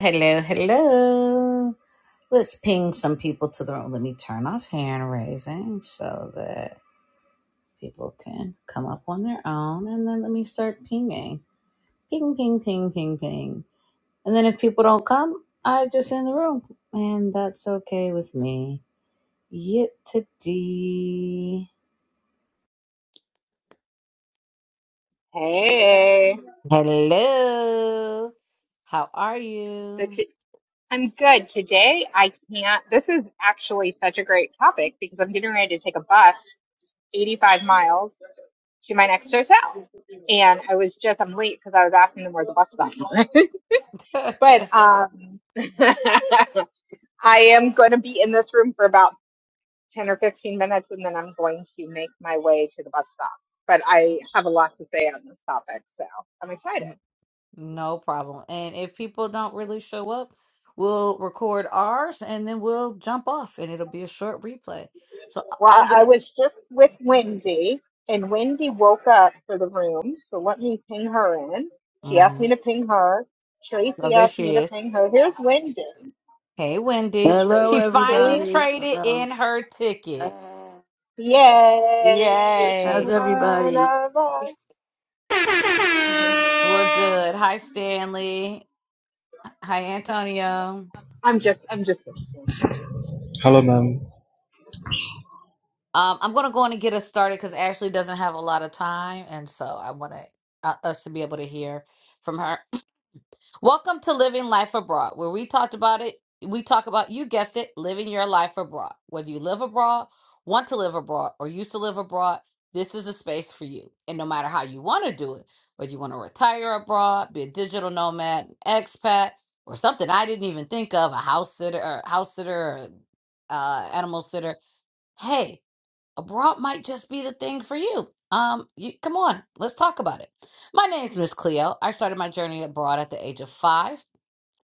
Hello, hello. Let's ping some people to the room. Let me turn off hand raising so that people can come up on their own. And then let me start pinging. Ping, ping, ping, ping, ping. And then if people don't come, I just in the room. And that's okay with me. Yet today. Hey. Hello. How are So you? t- I'm good. Today I can't. This is actually such a great topic because I'm getting ready to take a bus 85 miles to my next hotel. And I was just, I'm late because I was asking them where the bus stop was. but um, I am going to be in this room for about 10 or 15 minutes and then I'm going to make my way to the bus stop. But I have a lot to say on this topic, so I'm excited. No problem. And if people don't really show up, we'll record ours and then we'll jump off and it'll be a short replay. So I- I'll Well, get I it. was just with Wendy, and Wendy woke up for the room, so let me ping her in. She asked hmm me to ping her. Oh, Tracy there asked me she to is. ping her. Here's Wendy. Hey, Wendy. Hello, She Tracy. finally everybody. traded Hello. in her ticket. Uh, Yay! She's how's Yay. one everybody? of us. We're good. Hi, Stanley. Hi, Antonio. I'm just, I'm just. gonna ping. Hello, ma'am. Um, I'm going to go in and get us started because Ashley doesn't have a lot of time. And so I want to, uh, us to be able to hear from her. Welcome to Living Life Abroad, where we talked about it. We talk about, you guessed it, living your life abroad. Whether you live abroad, want to live abroad, or used to live abroad, this is a space for you. And no matter how you want to do it, whether you want to retire abroad, be a digital nomad, an expat, or something I didn't even think of, a house sitter, or house sitter, or uh, animal sitter. Hey, abroad might just be the thing for you. Um, you come on, let's talk about it. My name's Miss Cleo. I started my journey abroad at the age of five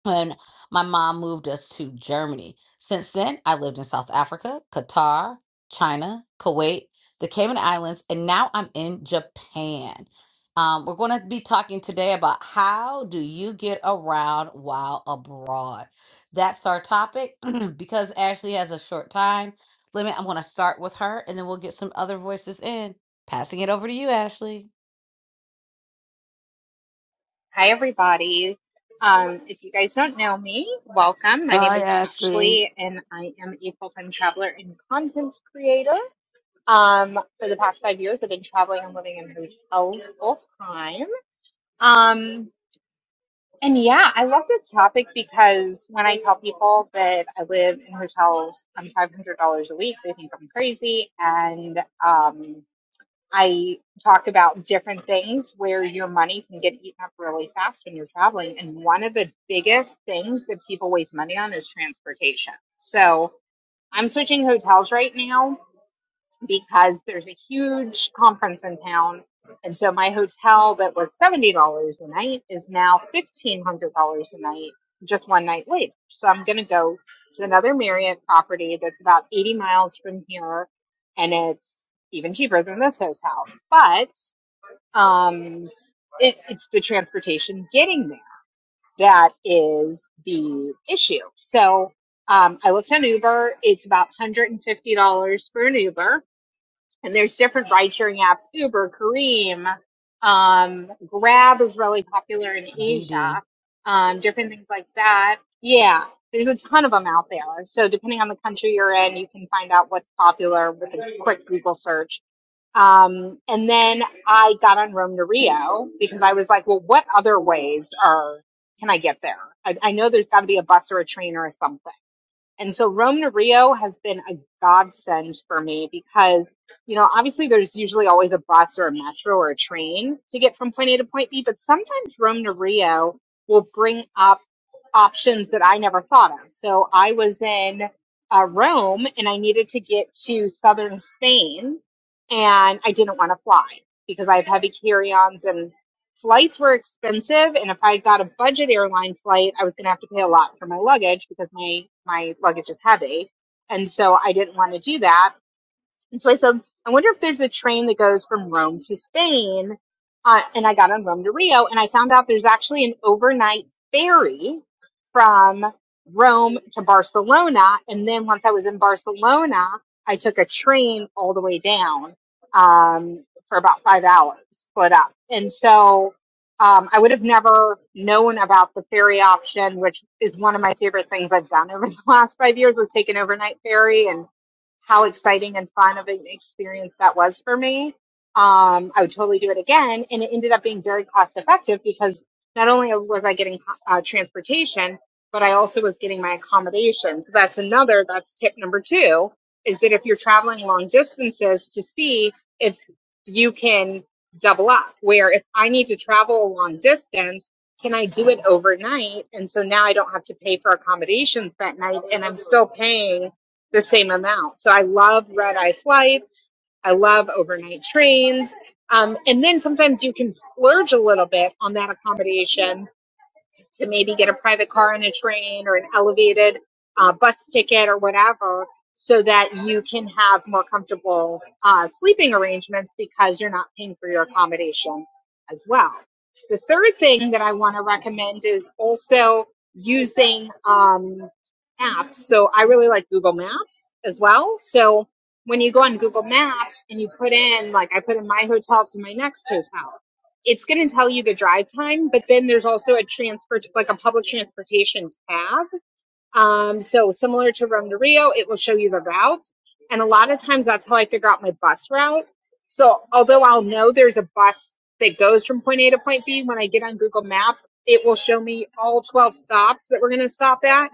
when my mom moved us to Germany. Since then, I lived in South Africa, Qatar, China, Kuwait, the Cayman Islands, and now I'm in Japan. Um, we're going to be talking today about how do you get around while abroad. That's our topic because Ashley has a short time limit. I'm going to start with her, and then we'll get some other voices in. Passing it over to you, Ashley. Hi, everybody. Um, if you guys don't know me, welcome. My name Hi, is Ashley. Ashley, and I am a full-time traveler and content creator. Um, for the past five years, I've been traveling and living in hotels full time. Um, and yeah, I love this topic because when I tell people that I live in hotels on $500 a week, they think I'm crazy. And um, I talk about different things where your money can get eaten up really fast when you're traveling. And one of the biggest things that people waste money on is transportation. So I'm switching hotels right now because there's a huge conference in town. And so my hotel that was $70 a night is now $1,500 a night, just one night later. So I'm going to go to another Marriott property that's about 80 miles from here and it's even cheaper than this hotel. But, um, it, it's the transportation getting there that is the issue. So, um, I looked on Uber. It's about $150 for an Uber and there's different ride sharing apps uber Careem, um, grab is really popular in D. D. asia um, different things like that yeah there's a ton of them out there so depending on the country you're in you can find out what's popular with a quick google search um, and then i got on rome to rio because i was like well what other ways are can i get there i, I know there's got to be a bus or a train or something and so Rome to Rio has been a godsend for me because, you know, obviously there's usually always a bus or a metro or a train to get from point A to point B, but sometimes Rome to Rio will bring up options that I never thought of. So I was in uh, Rome and I needed to get to southern Spain and I didn't want to fly because I have heavy carry ons and. Flights were expensive, and if I got a budget airline flight, I was going to have to pay a lot for my luggage because my my luggage is heavy, and so I didn't want to do that. And so I said, I wonder if there's a train that goes from Rome to Spain. Uh, and I got on Rome to Rio and I found out there's actually an overnight ferry from Rome to Barcelona. And then once I was in Barcelona, I took a train all the way down um, for about five hours, split up. And so um, I would have never known about the ferry option, which is one of my favorite things I've done over the last five years was take an overnight ferry and how exciting and fun of an experience that was for me. Um, I would totally do it again. And it ended up being very cost effective because not only was I getting uh, transportation, but I also was getting my accommodation. So that's another, that's tip number two is that if you're traveling long distances to see if you can double up, where if I need to travel a long distance, can I do it overnight? And so now I don't have to pay for accommodations that night and I'm still paying the same amount. So I love red eye flights. I love overnight trains. Um, and then sometimes you can splurge a little bit on that accommodation to maybe get a private car and a train or an elevated uh, bus ticket or whatever so that you can have more comfortable uh, sleeping arrangements because you're not paying for your accommodation as well. The third thing that I want to recommend is also using um, apps. So I really like Google Maps as well. So when you go on Google Maps and you put in, like, I put in my hotel to my next hotel it's going to tell you the drive time, but then there's also a transport, like a public transportation tab. Um, so similar to Rome to Rio, it will show you the routes. And a lot of times that's how I figure out my bus route. So although I'll know there's a bus that goes from point A to point B, when I get on Google Maps, it will show me all 12 stops that we're going to stop at.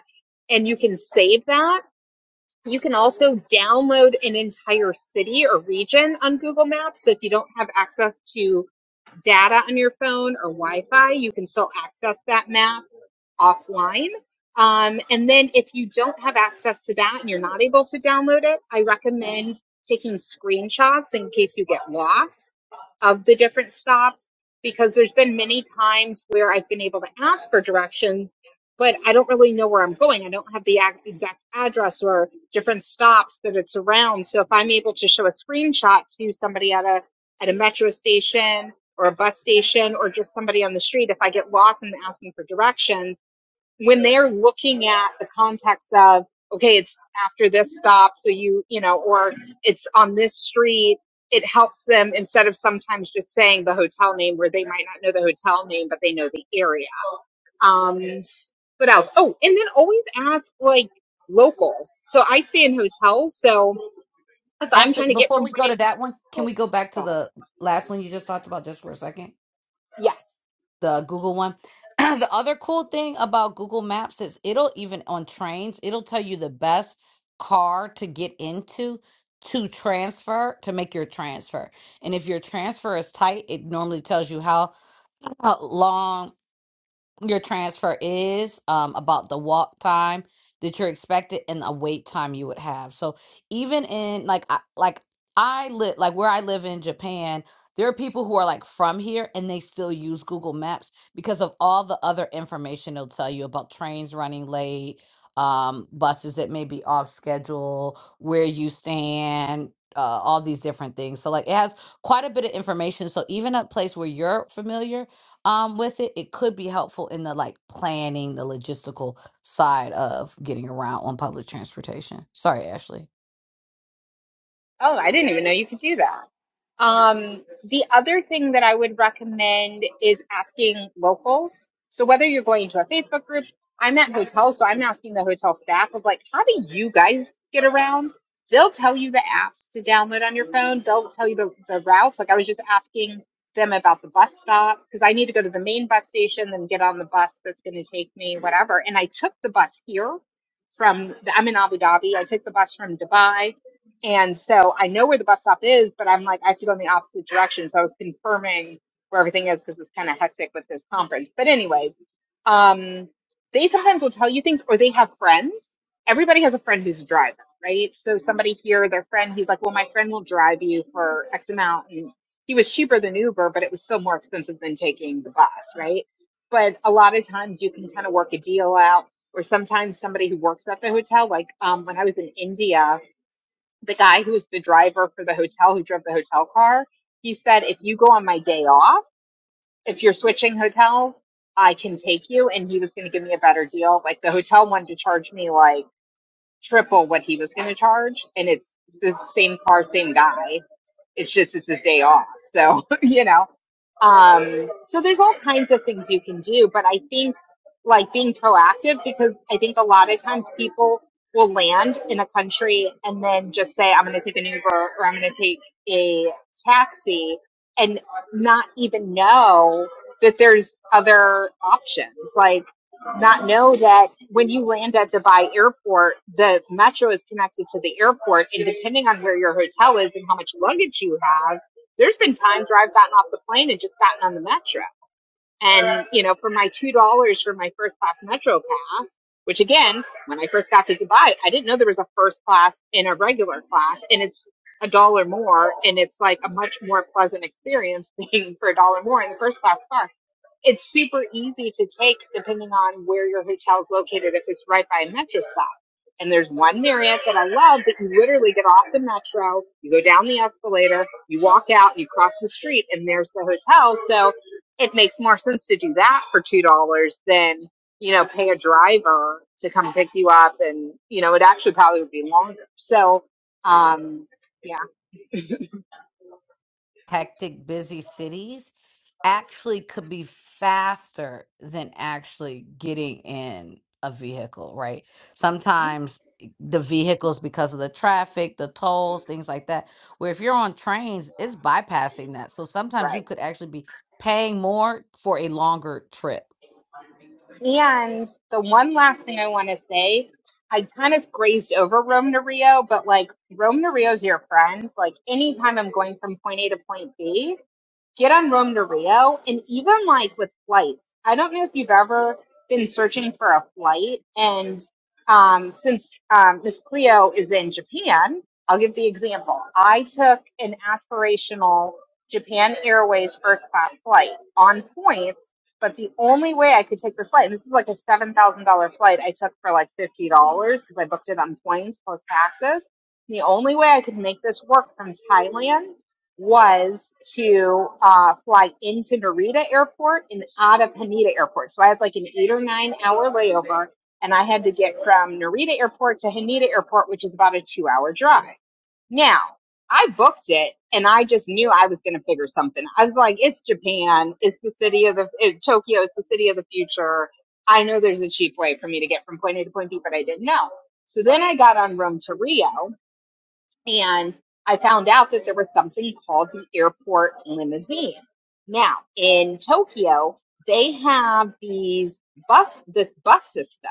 And you can save that you can also download an entire city or region on Google Maps. So if you don't have access to data on your phone or Wi Fi, you can still access that map offline. Um, and then if you don't have access to that and you're not able to download it, I recommend taking screenshots in case you get lost of the different stops because there's been many times where I've been able to ask for directions, but I don't really know where I'm going. I don't have the ac- exact address or different stops that it's around. So if I'm able to show a screenshot to somebody at a at a metro station or a bus station or just somebody on the street, if I get lost and ask asking for directions when they're looking at the context of okay it's after this stop so you you know or it's on this street it helps them instead of sometimes just saying the hotel name where they might not know the hotel name but they know the area um what else oh and then always ask like locals so i stay in hotels so if i'm Ashley, trying to get before from we point go a to that one, can oh, we go back to oh the last one you just talked about just for a second? yes The Google one. the other cool thing about Google Maps is it'll even on trains, it'll tell you the best car to get into to transfer to make your transfer. And if your transfer is tight, it normally tells you how, how long your transfer is, um, about the walk time that you're expected and the wait time you would have. So even in like I, like I live like where I live in Japan, there are people who are like from here and they still use Google Maps because of all the other information they'll tell you about trains running late, um, buses that may be off schedule, where you stand. Uh, all these different things. So, like, it has quite a bit of information. So, even a place where you're familiar, um with it it could be helpful in the like planning the logistical side of getting around on public transportation sorry ashley Oh, I didn't even know you could do that. Um, the other thing that I would recommend is asking locals. So whether you're going to a Facebook group, I'm at hotels, so I'm asking the hotel staff of like, how do you guys get around? They'll tell you the apps to download on your phone. They'll tell you the, the routes. Like I was just asking them about the bus stop because I need to go to the main bus station and get on the bus that's going to take me, whatever. And I took the bus here from, the, I'm in Abu Dhabi. I took the bus from Dubai and so I know where the bus stop is, but I'm like, I have to go in the opposite direction. So I was confirming where everything is because it's kind of hectic with this conference. But, anyways, um, they sometimes will tell you things or they have friends. Everybody has a friend who's a driver, right? So somebody here, their friend, he's like, Well, my friend will drive you for X amount. And he was cheaper than Uber, but it was still more expensive than taking the bus, right? But a lot of times you can kind of work a deal out. Or sometimes somebody who works at the hotel, like um, when I was in India, the guy who was the driver for the hotel who drove the hotel car he said if you go on my day off if you're switching hotels i can take you and he was going to give me a better deal like the hotel wanted to charge me like triple what he was going to charge and it's the same car same guy it's just it's a day off. So, you know. Um so there's all kinds of things you can do, but I think like being proactive because I think a lot of times people will land in a country and then just say, I'm gonna take an Uber or I'm gonna take a taxi and not even know that there's other options. Like not know that when you land at Dubai airport, the metro is connected to the airport. And depending on where your hotel is and how much luggage you have, there's been times where I've gotten off the plane and just gotten on the metro. And, you know, for my $2 for my first class metro pass, which again, when I first got to Dubai, I didn't know there was a first class and a regular class. And it's a dollar more. And it's like a much more pleasant experience paying for a dollar more in the first class class it's super easy to take depending on where your hotel is located if it's right by a metro stop. And there's one Marriott that I love that you literally get off the metro, you go down the escalator, you walk out, you cross the street, and there's the hotel. So it makes more sense to do that for two dollars than you know pay a driver to come pick you up, and you know it actually probably would be longer. So um, yeah, hectic busy cities actually could be faster than actually getting in a vehicle right Hmm? sometimes the vehicles because of the traffic the tolls things like that where if you're on trains it's bypassing that so sometimes you right. could actually be paying more for a longer trip And the one last thing I want to say, I kind of grazed over Rome to Rio, but like Rome to Rio is your friend. Like anytime I'm going from point A to point B, get on Rome to Rio, and even like with flights, I don't know if you've ever been searching for a flight. And um, since um, Miss Cleo is in Japan, I'll give the example. I took an aspirational Japan Airways first class flight on points, but the only way I could take this flight, and this is like a $7,000 flight I took for like $50 because I booked it on points plus taxes. The only way I could make this work from Thailand was to uh, fly into Narita Airport and out of Haneda Airport. So I had like an eight or nine hour layover, and I had to get from Narita Airport to Haneda Airport, which is about a two hour drive. Now, I booked it and I just knew I was going to figure something. I was like, it's Japan. It's the city of the, eh, Tokyo. It's the city of the future. I know there's a cheap way for me to get from point A to point B, but I didn't know. So then I got on Rome to Rio and I found out that there was something called the airport limousine. Now, in Tokyo, they have these bus this bus system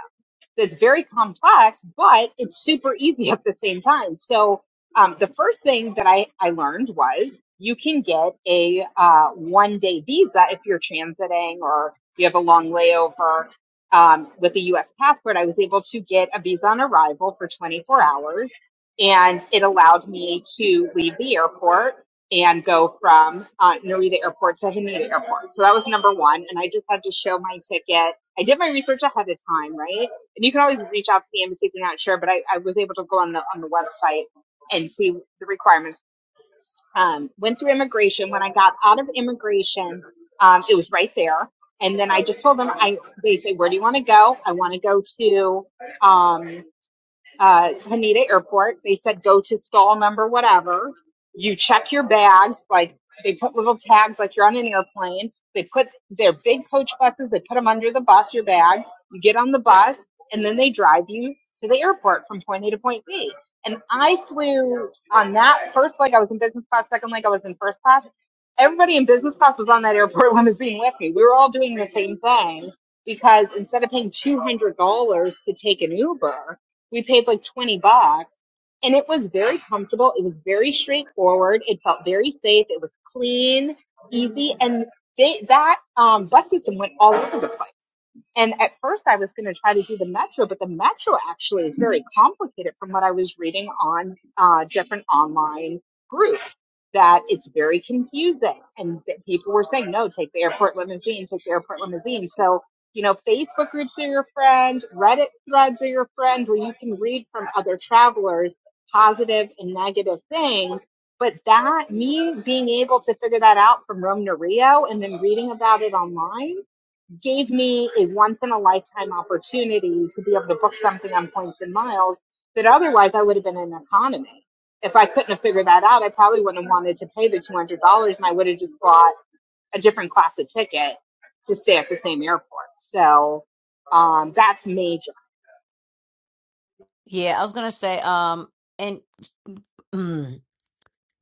that's very complex, but it's super easy at the same time. So um, the first thing that I, I learned was you can get a uh, one day visa if you're transiting or you have a long layover. Um, with a U.S. passport, I was able to get a visa on arrival for 24 hours, and it allowed me to leave the airport and go from uh, Narita Airport to Haneda Airport. So that was number one, and I just had to show my ticket. I did my research ahead of time, right? and you can always reach out to the embassy if you're not sure. But I, I was able to go on the on the website and see the requirements. Um, went through immigration. When I got out of immigration, um, it was right there. And then I just told them, I they say, where do you want to go? I want to go to um, uh, Haneda Airport. They said go to stall number whatever. You check your bags, like they put little tags like you're on an airplane. They put their big coach buses, they put them under the bus, your bag. You get on the bus, and then they drive you to the airport from point A to point B. And I flew on that first leg, I was in business class, second leg, I was in first class. Everybody in business class was on that airport limousine with me. We were all doing the same thing because instead of paying $200 to take an Uber, we paid like 20 bucks and it was very comfortable it was very straightforward it felt very safe it was clean easy and they, that um, bus system went all over the place and at first i was going to try to do the metro but the metro actually is very complicated from what i was reading on uh, different online groups that it's very confusing and that people were saying no take the airport limousine take the airport limousine so you know, Facebook groups are your friend, Reddit threads are your friend, where you can read from other travelers positive and negative things. But that, me being able to figure that out from Rome to Rio and then reading about it online gave me a once in a lifetime opportunity to be able to book something on points and miles that otherwise I would have been in economy. If I couldn't have figured that out, I probably wouldn't have wanted to pay the $200 and I would have just bought a different class of ticket to stay at the same airport. So um, that's major. Yeah, I was gonna say, um, and.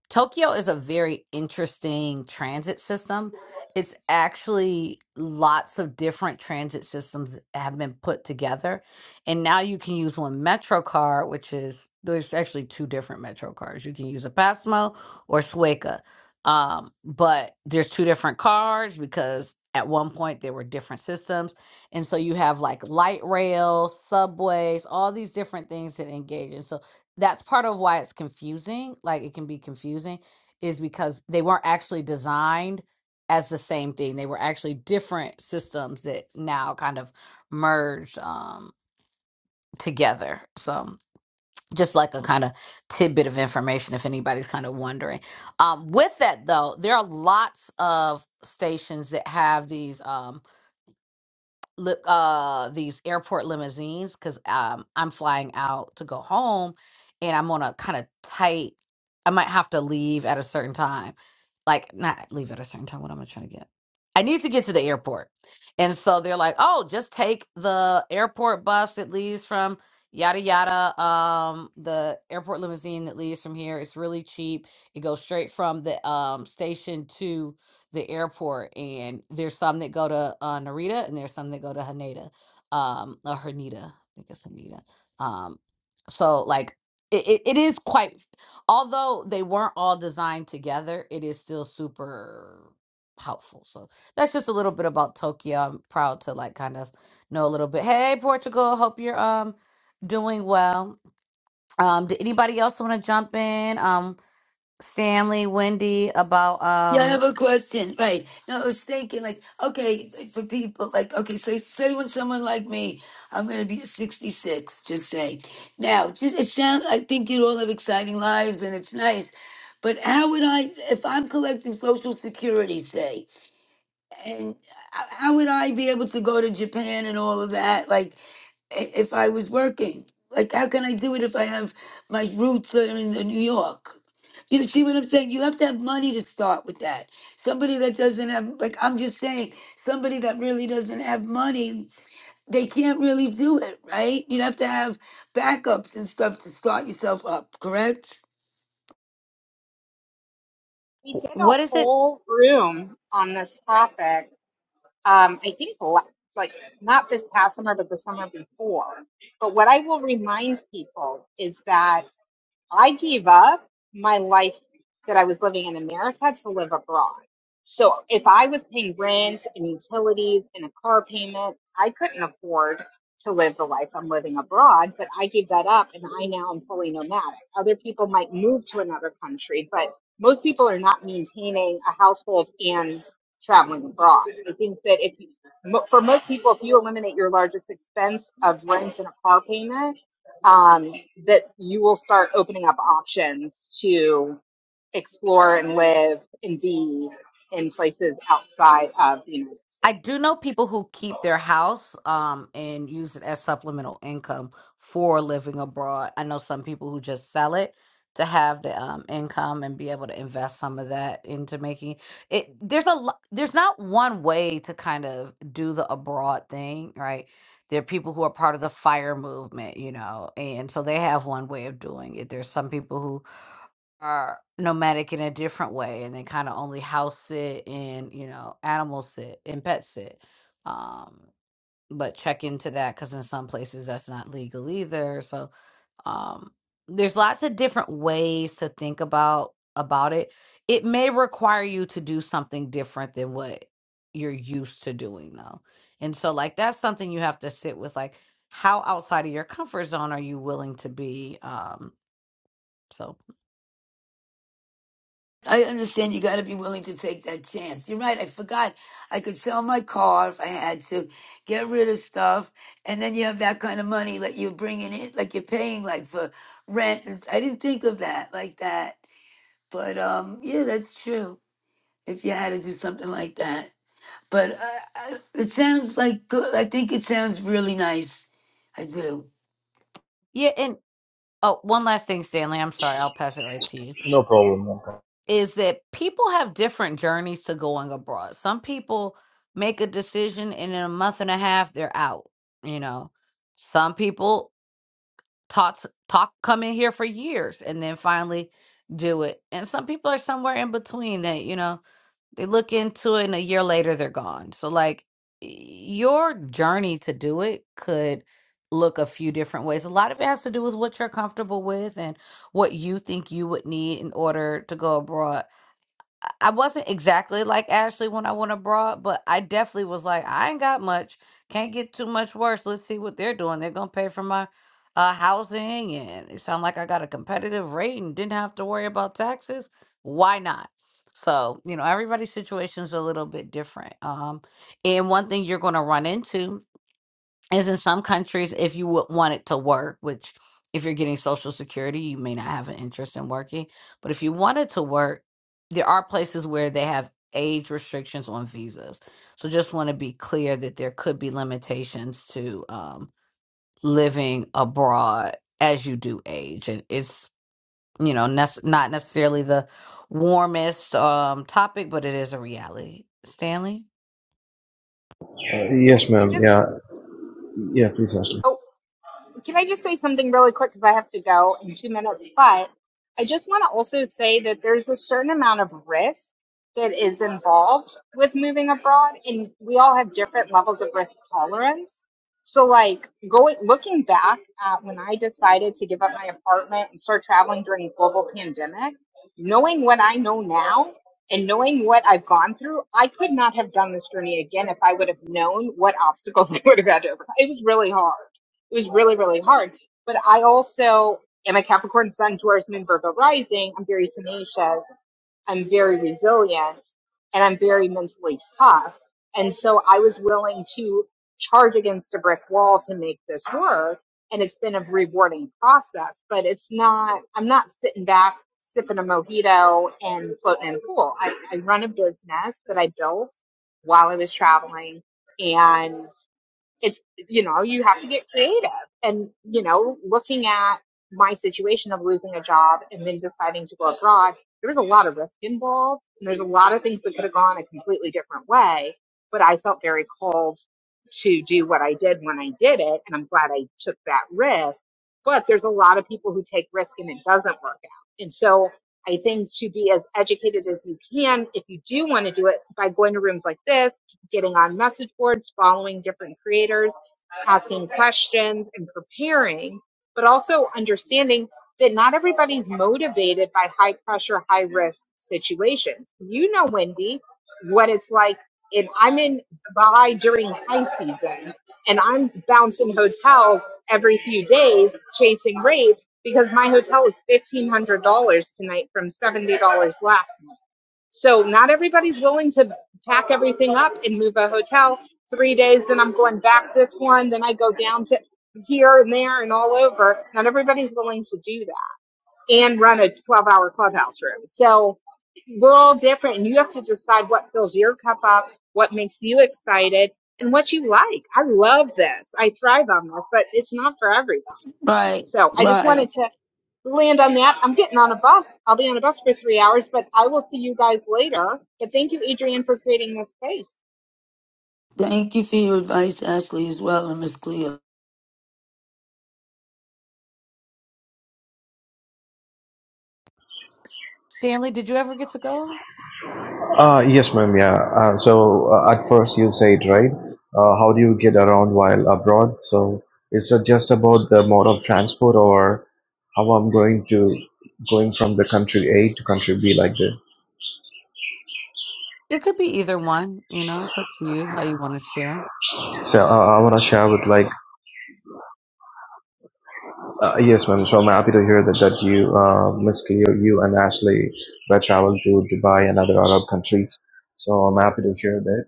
Tokyo is a very interesting transit system. It's actually lots of different transit systems that have been put together. And now you can use one Metro card, which is there's actually two different Metro cards. You can use a Pasmo or Suica. Um, but there's two different cards because at one point there were different systems. And so you have like light rail, subways, all these different things that engage. And so that's part of why it's confusing like it can be confusing is because they weren't actually designed as the same thing they were actually different systems that now kind of merged um together so just like a kind of tidbit of information if anybody's kind of wondering um with that though there are lots of stations that have these Um, li- uh these airport limousines because um I'm flying out to go home and I'm on a kind of tight I might have to leave at a certain time. Like not leave at a certain time. What am I trying to get? I need to get to the airport. And so they're like, oh, just take the airport bus that leaves from yada yada. Um the airport limousine that leaves from here. It's really cheap. It goes straight from the um station to the airport, and there's some that go to uh, Narita, and there's some that go to Haneda, um, or Haneda. I think it's Haneda. Um, so like it, it, it is quite, although they weren't all designed together, it is still super helpful. So that's just a little bit about Tokyo. I'm proud to like kind of know a little bit. Hey, Portugal, hope you're um doing well. Um, did anybody else want to jump in? Um, Stanley, Wendy, about Yeah, I have um, a question. Right. No, I was thinking, like, okay, like, for people, like, okay, so say when someone like me, I'm going to be 66, just say. Now, just it sounds, I think you all have exciting lives and it's nice. But how would I, if I'm collecting Social Security, say, and how how would I be able to go to Japan and all of that? Like, i- if I was working. Like, how can I do it if I have my roots are in in New York? You know, see what I'm saying? You have to have money to start with that. Somebody that doesn't have, like, I'm just saying, somebody that really doesn't have money, they can't really do it, right? You have to have backups and stuff to start yourself up, correct? We w- did a what is it? whole room on this topic. Um, I think la- like not this past summer, but the summer before. But what I will remind people is that I gave up my life that I was living in America to live abroad. So if I was paying rent and utilities and a car payment, I couldn't afford to live the life I'm living abroad, but I gave that up and I now am fully nomadic. Other people might move to another country, but most people are not maintaining a household and traveling abroad. I think that if you, mo- for most people, if you eliminate your largest expense of rent and a car payment, um, that you will start opening up options to explore and live and be in places outside of the United I do States. know people who keep their house um and use it as supplemental income for living abroad. I know some people who just sell it to have the um income and be able to invest some of that into making it there's a lo- there's not one way to kind of do the abroad thing, right? There are people who are part of the fire movement, you know, and so they have one way of doing it. There's some people who are nomadic in a different way and they kind of only house sit and you know animal sit and pet sit um but check into that because in some places that's not legal either so um there's lots of different ways to think about about it it may require you to do something different than what you're used to doing though and so like that's something you have to sit with like how outside of your comfort zone are you willing to be um so I understand you got to be willing to take that chance. You're right. I forgot I could sell my car if I had to, get rid of stuff, and then you have that kind of money like you're bringing in, like you're paying like for rent. It's- I didn't think of that like that, but um, yeah, that's true. If you had to do something like that, but I, I, it sounds like good. I think it sounds really nice. I do. yeah, and Oh, one last thing, Stanley. I'm sorry. I'll pass it right to you. No problem. no Is that people have different journeys to going abroad. Some people make a decision and in a month and a half they're out. You know, some people talk talk come in here for years and then finally do it. And some people are somewhere in between that, you know, they look into it and a year later they're gone. So like your journey to do it could look a few different ways. A lot of it has to do with what you're comfortable with and what you think you would need in order to go abroad. I wasn't exactly like Ashley when I went abroad, but I definitely was like, I ain't got much. Can't get too much worse. Let's see what they're doing. They're gonna pay for my uh housing and it sounded like I got a competitive rate and didn't have to worry about taxes. Why not? So, you know, everybody's situation's a little bit different. Um, and one thing you're gonna run into is in some countries if you would want it to work which if you're getting social security you may not have an interest in working but if you want it to work there are places where they have age restrictions on visas so just want to be clear that there could be limitations to um, living abroad as you do age and it's you know nec- not necessarily the warmest um, topic but it is a reality stanley Uh, I, yes, I ma'am. just, Yeah. Yeah, please, Ashton. oh, Can I just say something really quick because I have to go in two minutes? But I just want to also say that there's a certain amount of risk that is involved with moving abroad, and we all have different levels of risk tolerance. So, like going looking back at when I decided to give up my apartment and start traveling during the global pandemic, knowing what I know now and knowing what I've gone through, I could not have done this journey again if I would have known what obstacles I would have had to overcome. It was really hard it was really, really hard. But I also am a Capricorn Sun, Taurus Moon, Virgo rising. I'm very tenacious. I'm very resilient and I'm very mentally tough. And so I was willing to charge against a brick wall to make this work. And it's been a rewarding process, but it's not, I'm not sitting back sipping a mojito and floating in a pool. I, I run a business that I built while I was traveling and it's you know you have to get creative and you know looking at my situation of losing a job and then deciding to go abroad there was a lot of risk involved and there's a lot of things that could have gone a completely different way but i felt very called to do what i did when i did it and i'm glad i took that risk but there's a lot of people who take risk and it doesn't work out and so i think to be as educated as you can if you do want to do it by going to rooms like this getting on message boards, following different creators, asking questions and preparing, but also understanding that not everybody's motivated by high pressure, high risk situations. You know, Wendy, what it's like if I'm in Dubai during high season and I'm bouncing hotels every few days chasing rates because my hotel is $1,500 tonight from $70 last night so not everybody's willing to pack everything up and move a hotel three days. Then I'm going back this one. Then I go down to here and there and all over. Not everybody's willing to do that and run a 12 hour clubhouse room. So we're all different and you have to decide what fills your cup up, what makes you excited and what you like. I love this. I thrive on this, but it's not for everybody. Right, So I just wanted right. to land on that. I'm getting on a bus. I'll be on a bus for three hours, but I will see you guys later. But thank you, Adrian, for creating this space. Thank you for your advice, Ashley, as well, and Miss Cleo. stanley did you ever get to go Ah, yes, ma'am. Yeah. Uh, so uh, at first you said, right? Uh, how do you get around while abroad? So is it just about the mode of transport or how I'm going to going from the country A to country B like this? It could be either one, you know, it's up to you how you want to share. So uh, I want to share with like, uh, yes, ma'am. So I'm happy to hear that, that you, uh, Miss Cleo, you and Ashley were traveled to Dubai and other Arab countries. So I'm happy to hear that.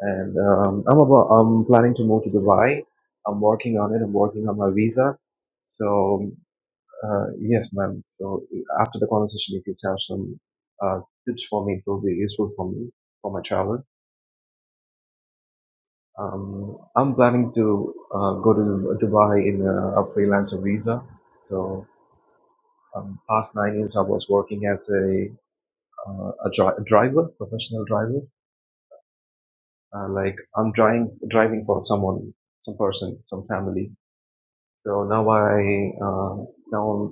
and um, I'm about I'm planning to move to Dubai. I'm working on it. I'm working on my visa. So uh, yes, ma'am. So after the conversation, if you have some uh, tips for me, it will be useful for me for my travel. Um, I'm planning to uh, go to Dubai in a, a freelancer visa. So um, past nine years, I was working as a uh, a, dri- driver, professional driver. Uh, like I'm driving driving for someone, some person, some family So now I uh, now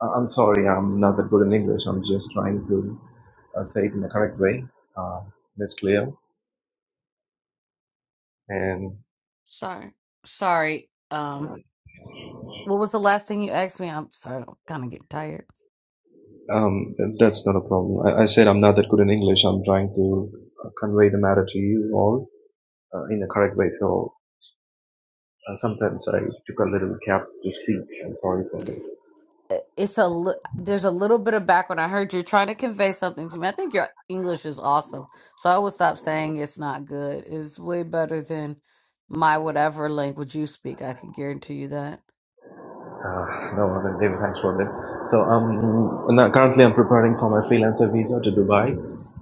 I- am sorry I'm not that good in English. I'm just trying to uh, say it in the correct way. Uh, it's clear, and Sorry. Sorry. Um, what was the last thing you asked me? I'm sorry, I'm kind of getting tired. um, that's not a problem. I, I said I'm not that good in English. I'm trying to uh, convey the matter to you all uh, in the correct way. So uh, sometimes I took a little gap to speak. I'm sorry for that. I- It's a li- there's a little bit of background. I heard you're trying to convey something to me. I think your English is awesome, so I would stop saying it's not good. It's way better than my whatever language you speak. I can guarantee you that. Uh, no, other than David, thanks for that. So, um, now currently I'm preparing for my freelancer visa to Dubai.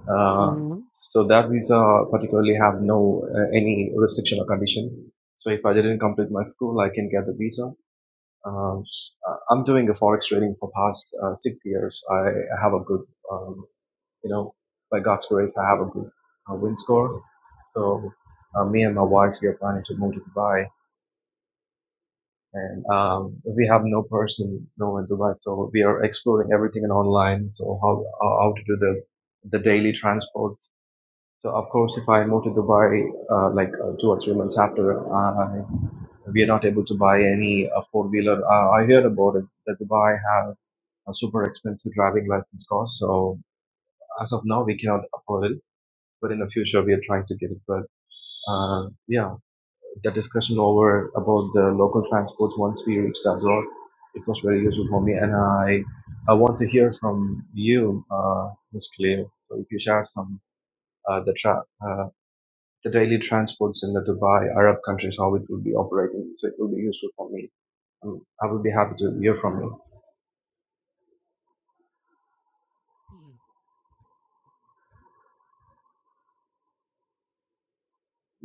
Uh, hmm so that visa particularly have no uh, any restriction or condition. So if I didn't complete my school, I can get the visa. Um, uh, I'm doing a forex trading for past uh, six years. I have a good, um, you know, by God's grace, I have a good uh, win score. So uh, me and my wife we are planning to move to Dubai and um, we have no person, no one to buy. So we are exploring everything in online. So how uh, how to do the the daily transports. So of course, if I move to Dubai, uh, like uh, two or three months after, I we are not able to buy any uh, four wheeler. Uh, I heard about it that Dubai have a super expensive driving license cost. So as of now, we cannot afford it. But in the future, we are trying to get it. But uh, yeah the discussion over about the local transports once we reached abroad. It was very useful for me, and I I want to hear from you, uh, Ms. Cleo. So if you share some uh, the tra- uh, the daily transports in the Dubai Arab countries, how it will be operating, so it will be useful for me. Um, I will be happy to hear from you.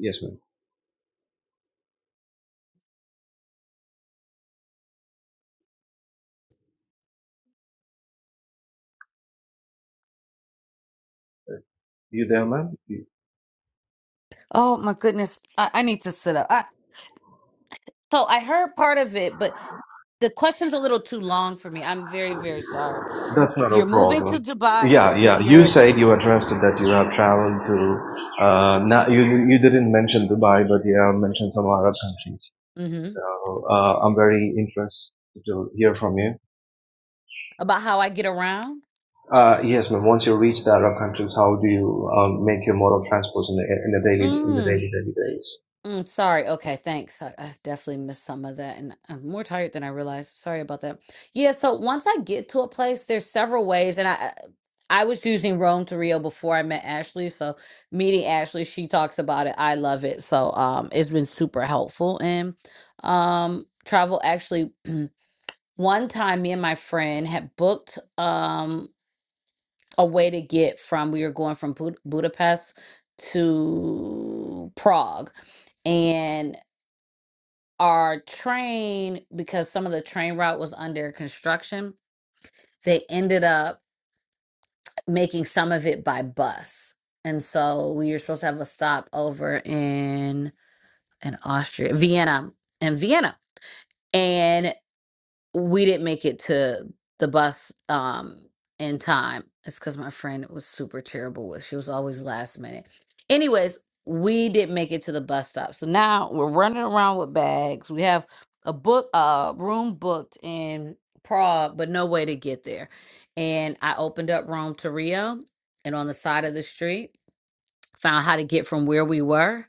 Yes, ma'am. Uh, You there, ma'am? Oh my goodness, I, I need to sit up. I, so I heard part of it, but the question's a little too long for me. I'm very, very sorry. That's not a You're moving problem. to Dubai. Yeah, yeah. You You're said you were trusted that you have traveled to. Uh, not, you you you didn't mention Dubai, but you have mentioned some Arab countries. hmm So uh, I'm very interested to hear from you. about how I get around. Uh, yes, ma'am. Once you reach the Arab countries, how do you um, make your mode of transport in the in the daily in the Mm, daily daily days? mm, sorry. Okay, thanks. I, I definitely missed some of that, and I'm more tired than I realized. Sorry about that. Yeah. So once I get to a place, there's several ways, and I I was using Rome to Rio before I met Ashley. So meeting Ashley, she talks about it. I love it. So um, it's been super helpful in um travel. Actually, one time, me and my friend had booked. Um, a way to get from we were going from Bud- Budapest to Prague and our train because some of the train route was under construction they ended up making some of it by bus and so we were supposed to have a stop over in in Austria Vienna in Vienna and. we didn't make it to the bus um in time. It's because my friend was super terrible with. She was always last minute. Anyways, we didn't make it to the bus stop. So now we're running around with bags. We have a book uh room booked in Prague, but no way to get there. And I opened up Rome to Rio and on the side of the street found how to get from where we were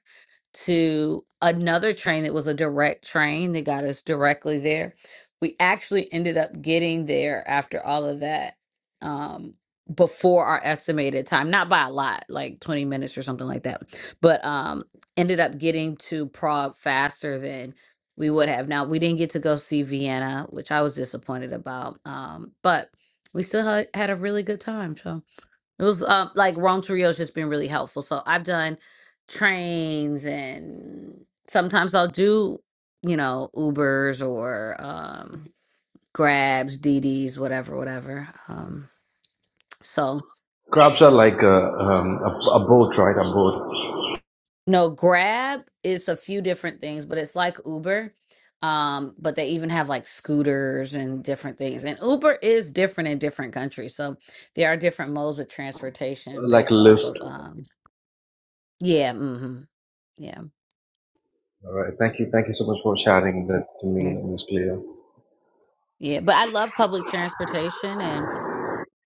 to another train that was a direct train that got us directly there. We actually ended up getting there after all of that um, before our estimated time, not by a lot, like 20 minutes or something like that, but um, ended up getting to Prague faster than we would have. Now, we didn't get to go see Vienna, which I was disappointed about, um, but we still had, had a really good time. So. It was um like Rome to Rio's just been really helpful. So I've done trains and sometimes I'll do, you know, Ubers or um Grabs, DDs, whatever, whatever. Um so Crabs are like a, um, a a boat, right? A boat, no, Grab is a few different things, but it's like Uber. Um, but they even have like scooters and different things. And Uber is different in different countries. So there are different modes of transportation like a based off lift. of um yeah, mm-hmm. Yeah. All right. Thank you. Thank you so much for sharing that to me, Ms. Cleo. Yeah, but I love public transportation and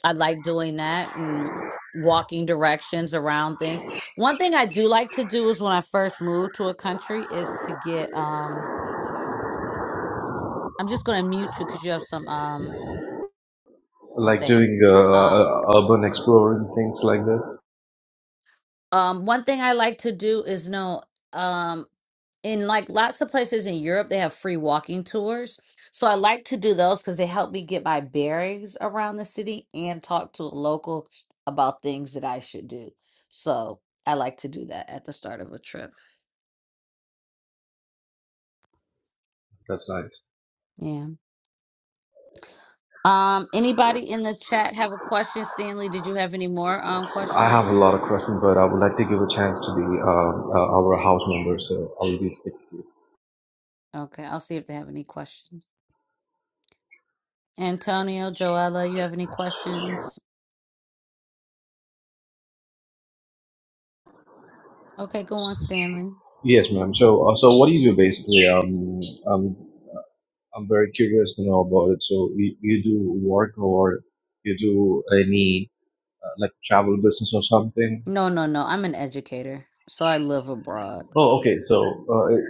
I like doing that and walking directions around things. One thing I do like to do is when I first move to a country is to get um I'm just going to mute you cuz you have some um oh Like thanks. doing uh, Uh uh, uh, urban exploring, things like that. um one thing I like to do is know in like lots of places in Europe, they have free walking tours. So I like to do those because they help me get my bearings around the city and talk to a local about things that I should do. So I like to do that at the start of a trip. That's nice. Yeah. Um, anybody in the chat have a question? Stanley, did you have any more um I have a questions? lot of questions, but I would like to give a chance to the um, uh, our house member, so I will be Okay, I'll see if they have any questions. Antonio, Joella, you have any questions? Okay, go on, sticking. Stanley. Yes, ma'am. So, uh, so what do you do basically? Um, um, I'm very curious to know about it. So, you, you do work or you do any uh, like travel business or something? No, no, no. I'm an educator, so I live abroad. Oh, okay. So, uh, it,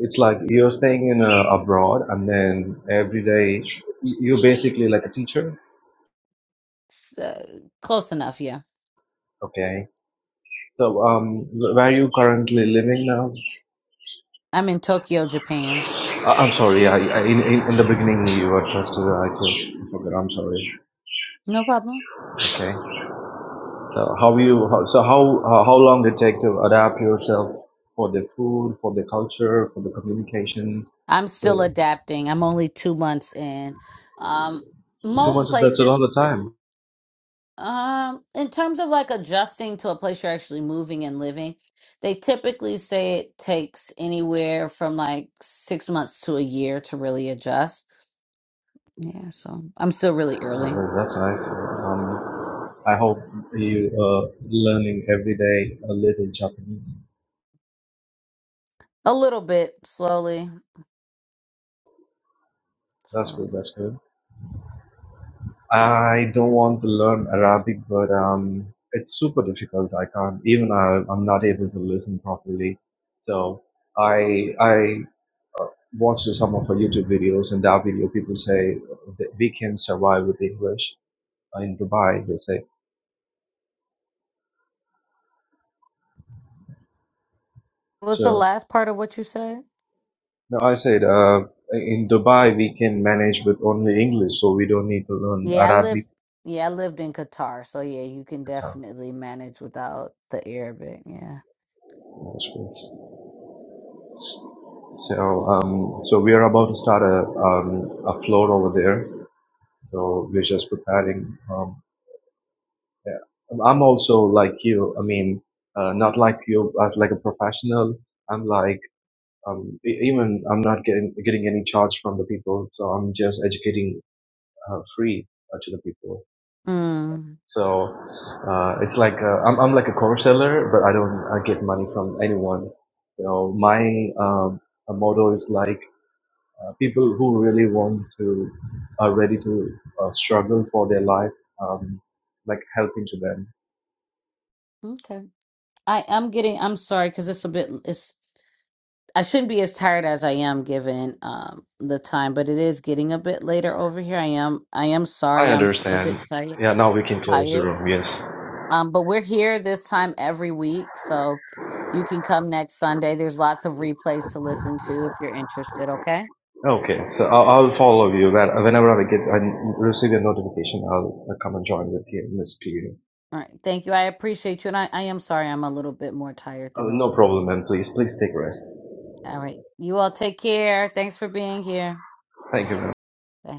it's like you're staying in uh, abroad, and then every day you- you're basically like a teacher. S- uh, close enough, yeah. Okay. So, um, where are you currently living now? I'm in Tokyo, Japan. Uh, I'm sorry. I, I, in, in in the beginning, you were just. Uh, I just forgot. I'm sorry. No problem. Okay. So how you? How, so how uh, how long it take to adapt yourself for the food, for the culture, for the communication? I'm So still adapting. I'm only two months in. Um, two most months. That's a lot places, of time. um, in terms of like adjusting to a place you're actually moving and living, they typically say it takes anywhere from like six months to a year to really adjust. Yeah, so I'm still really early. Uh, that's nice. Um, I hope you uh, learning every day a little Japanese. A little bit, slowly, That's slowly. good. That's good. I don't want to learn Arabic, but um, it's super difficult. I can't even I, I'm not able to listen properly. So I I watched some of her YouTube videos, and that video people say that we can survive with English Uh, in Dubai. They say What's so. the last part of what you said? No, I said uh, in Dubai we can manage with only English, so we don't need to learn Yeah, I lived. Arabic. Yeah, I lived in Qatar, so yeah, you can at all. definitely manage without the Arabic. Yeah. That's good. So um, so we are about to start a um, a floor over there So we're just preparing. Um, yeah. I'm also like you. I mean, uh, not like you as like a professional. I'm like um, e- even I'm not getting getting any charge from the people, so I'm just educating uh, free uh, to the people. Mm, So uh, it's like uh, I'm I'm like a course seller, but I don't I get money from anyone. So my um, motto is like uh, people who really want to are ready to uh, struggle for their life um, like helping to them okay. I am getting. I'm sorry because it's a bit. It's. I shouldn't be as tired as I am given um the time, but it is getting a bit later over here. I am. I am i sorry. I'm a bit understand tired. yeah now we can close the Tired. room yes Um, but we're here this time every week, so you can come next Sunday. There's lots of replays to listen to if you're interested. Okay. okay so i'll, I'll follow you when, whenever i get i receive a notification i'll, I'll come and join with you miss Peter. All right. Thank you. I appreciate you. And I, I am sorry I'm a little bit more tired than Uh, no normal. problem and please please take rest All right. You all take care. Thanks for being here. thank you ma'am. Bye.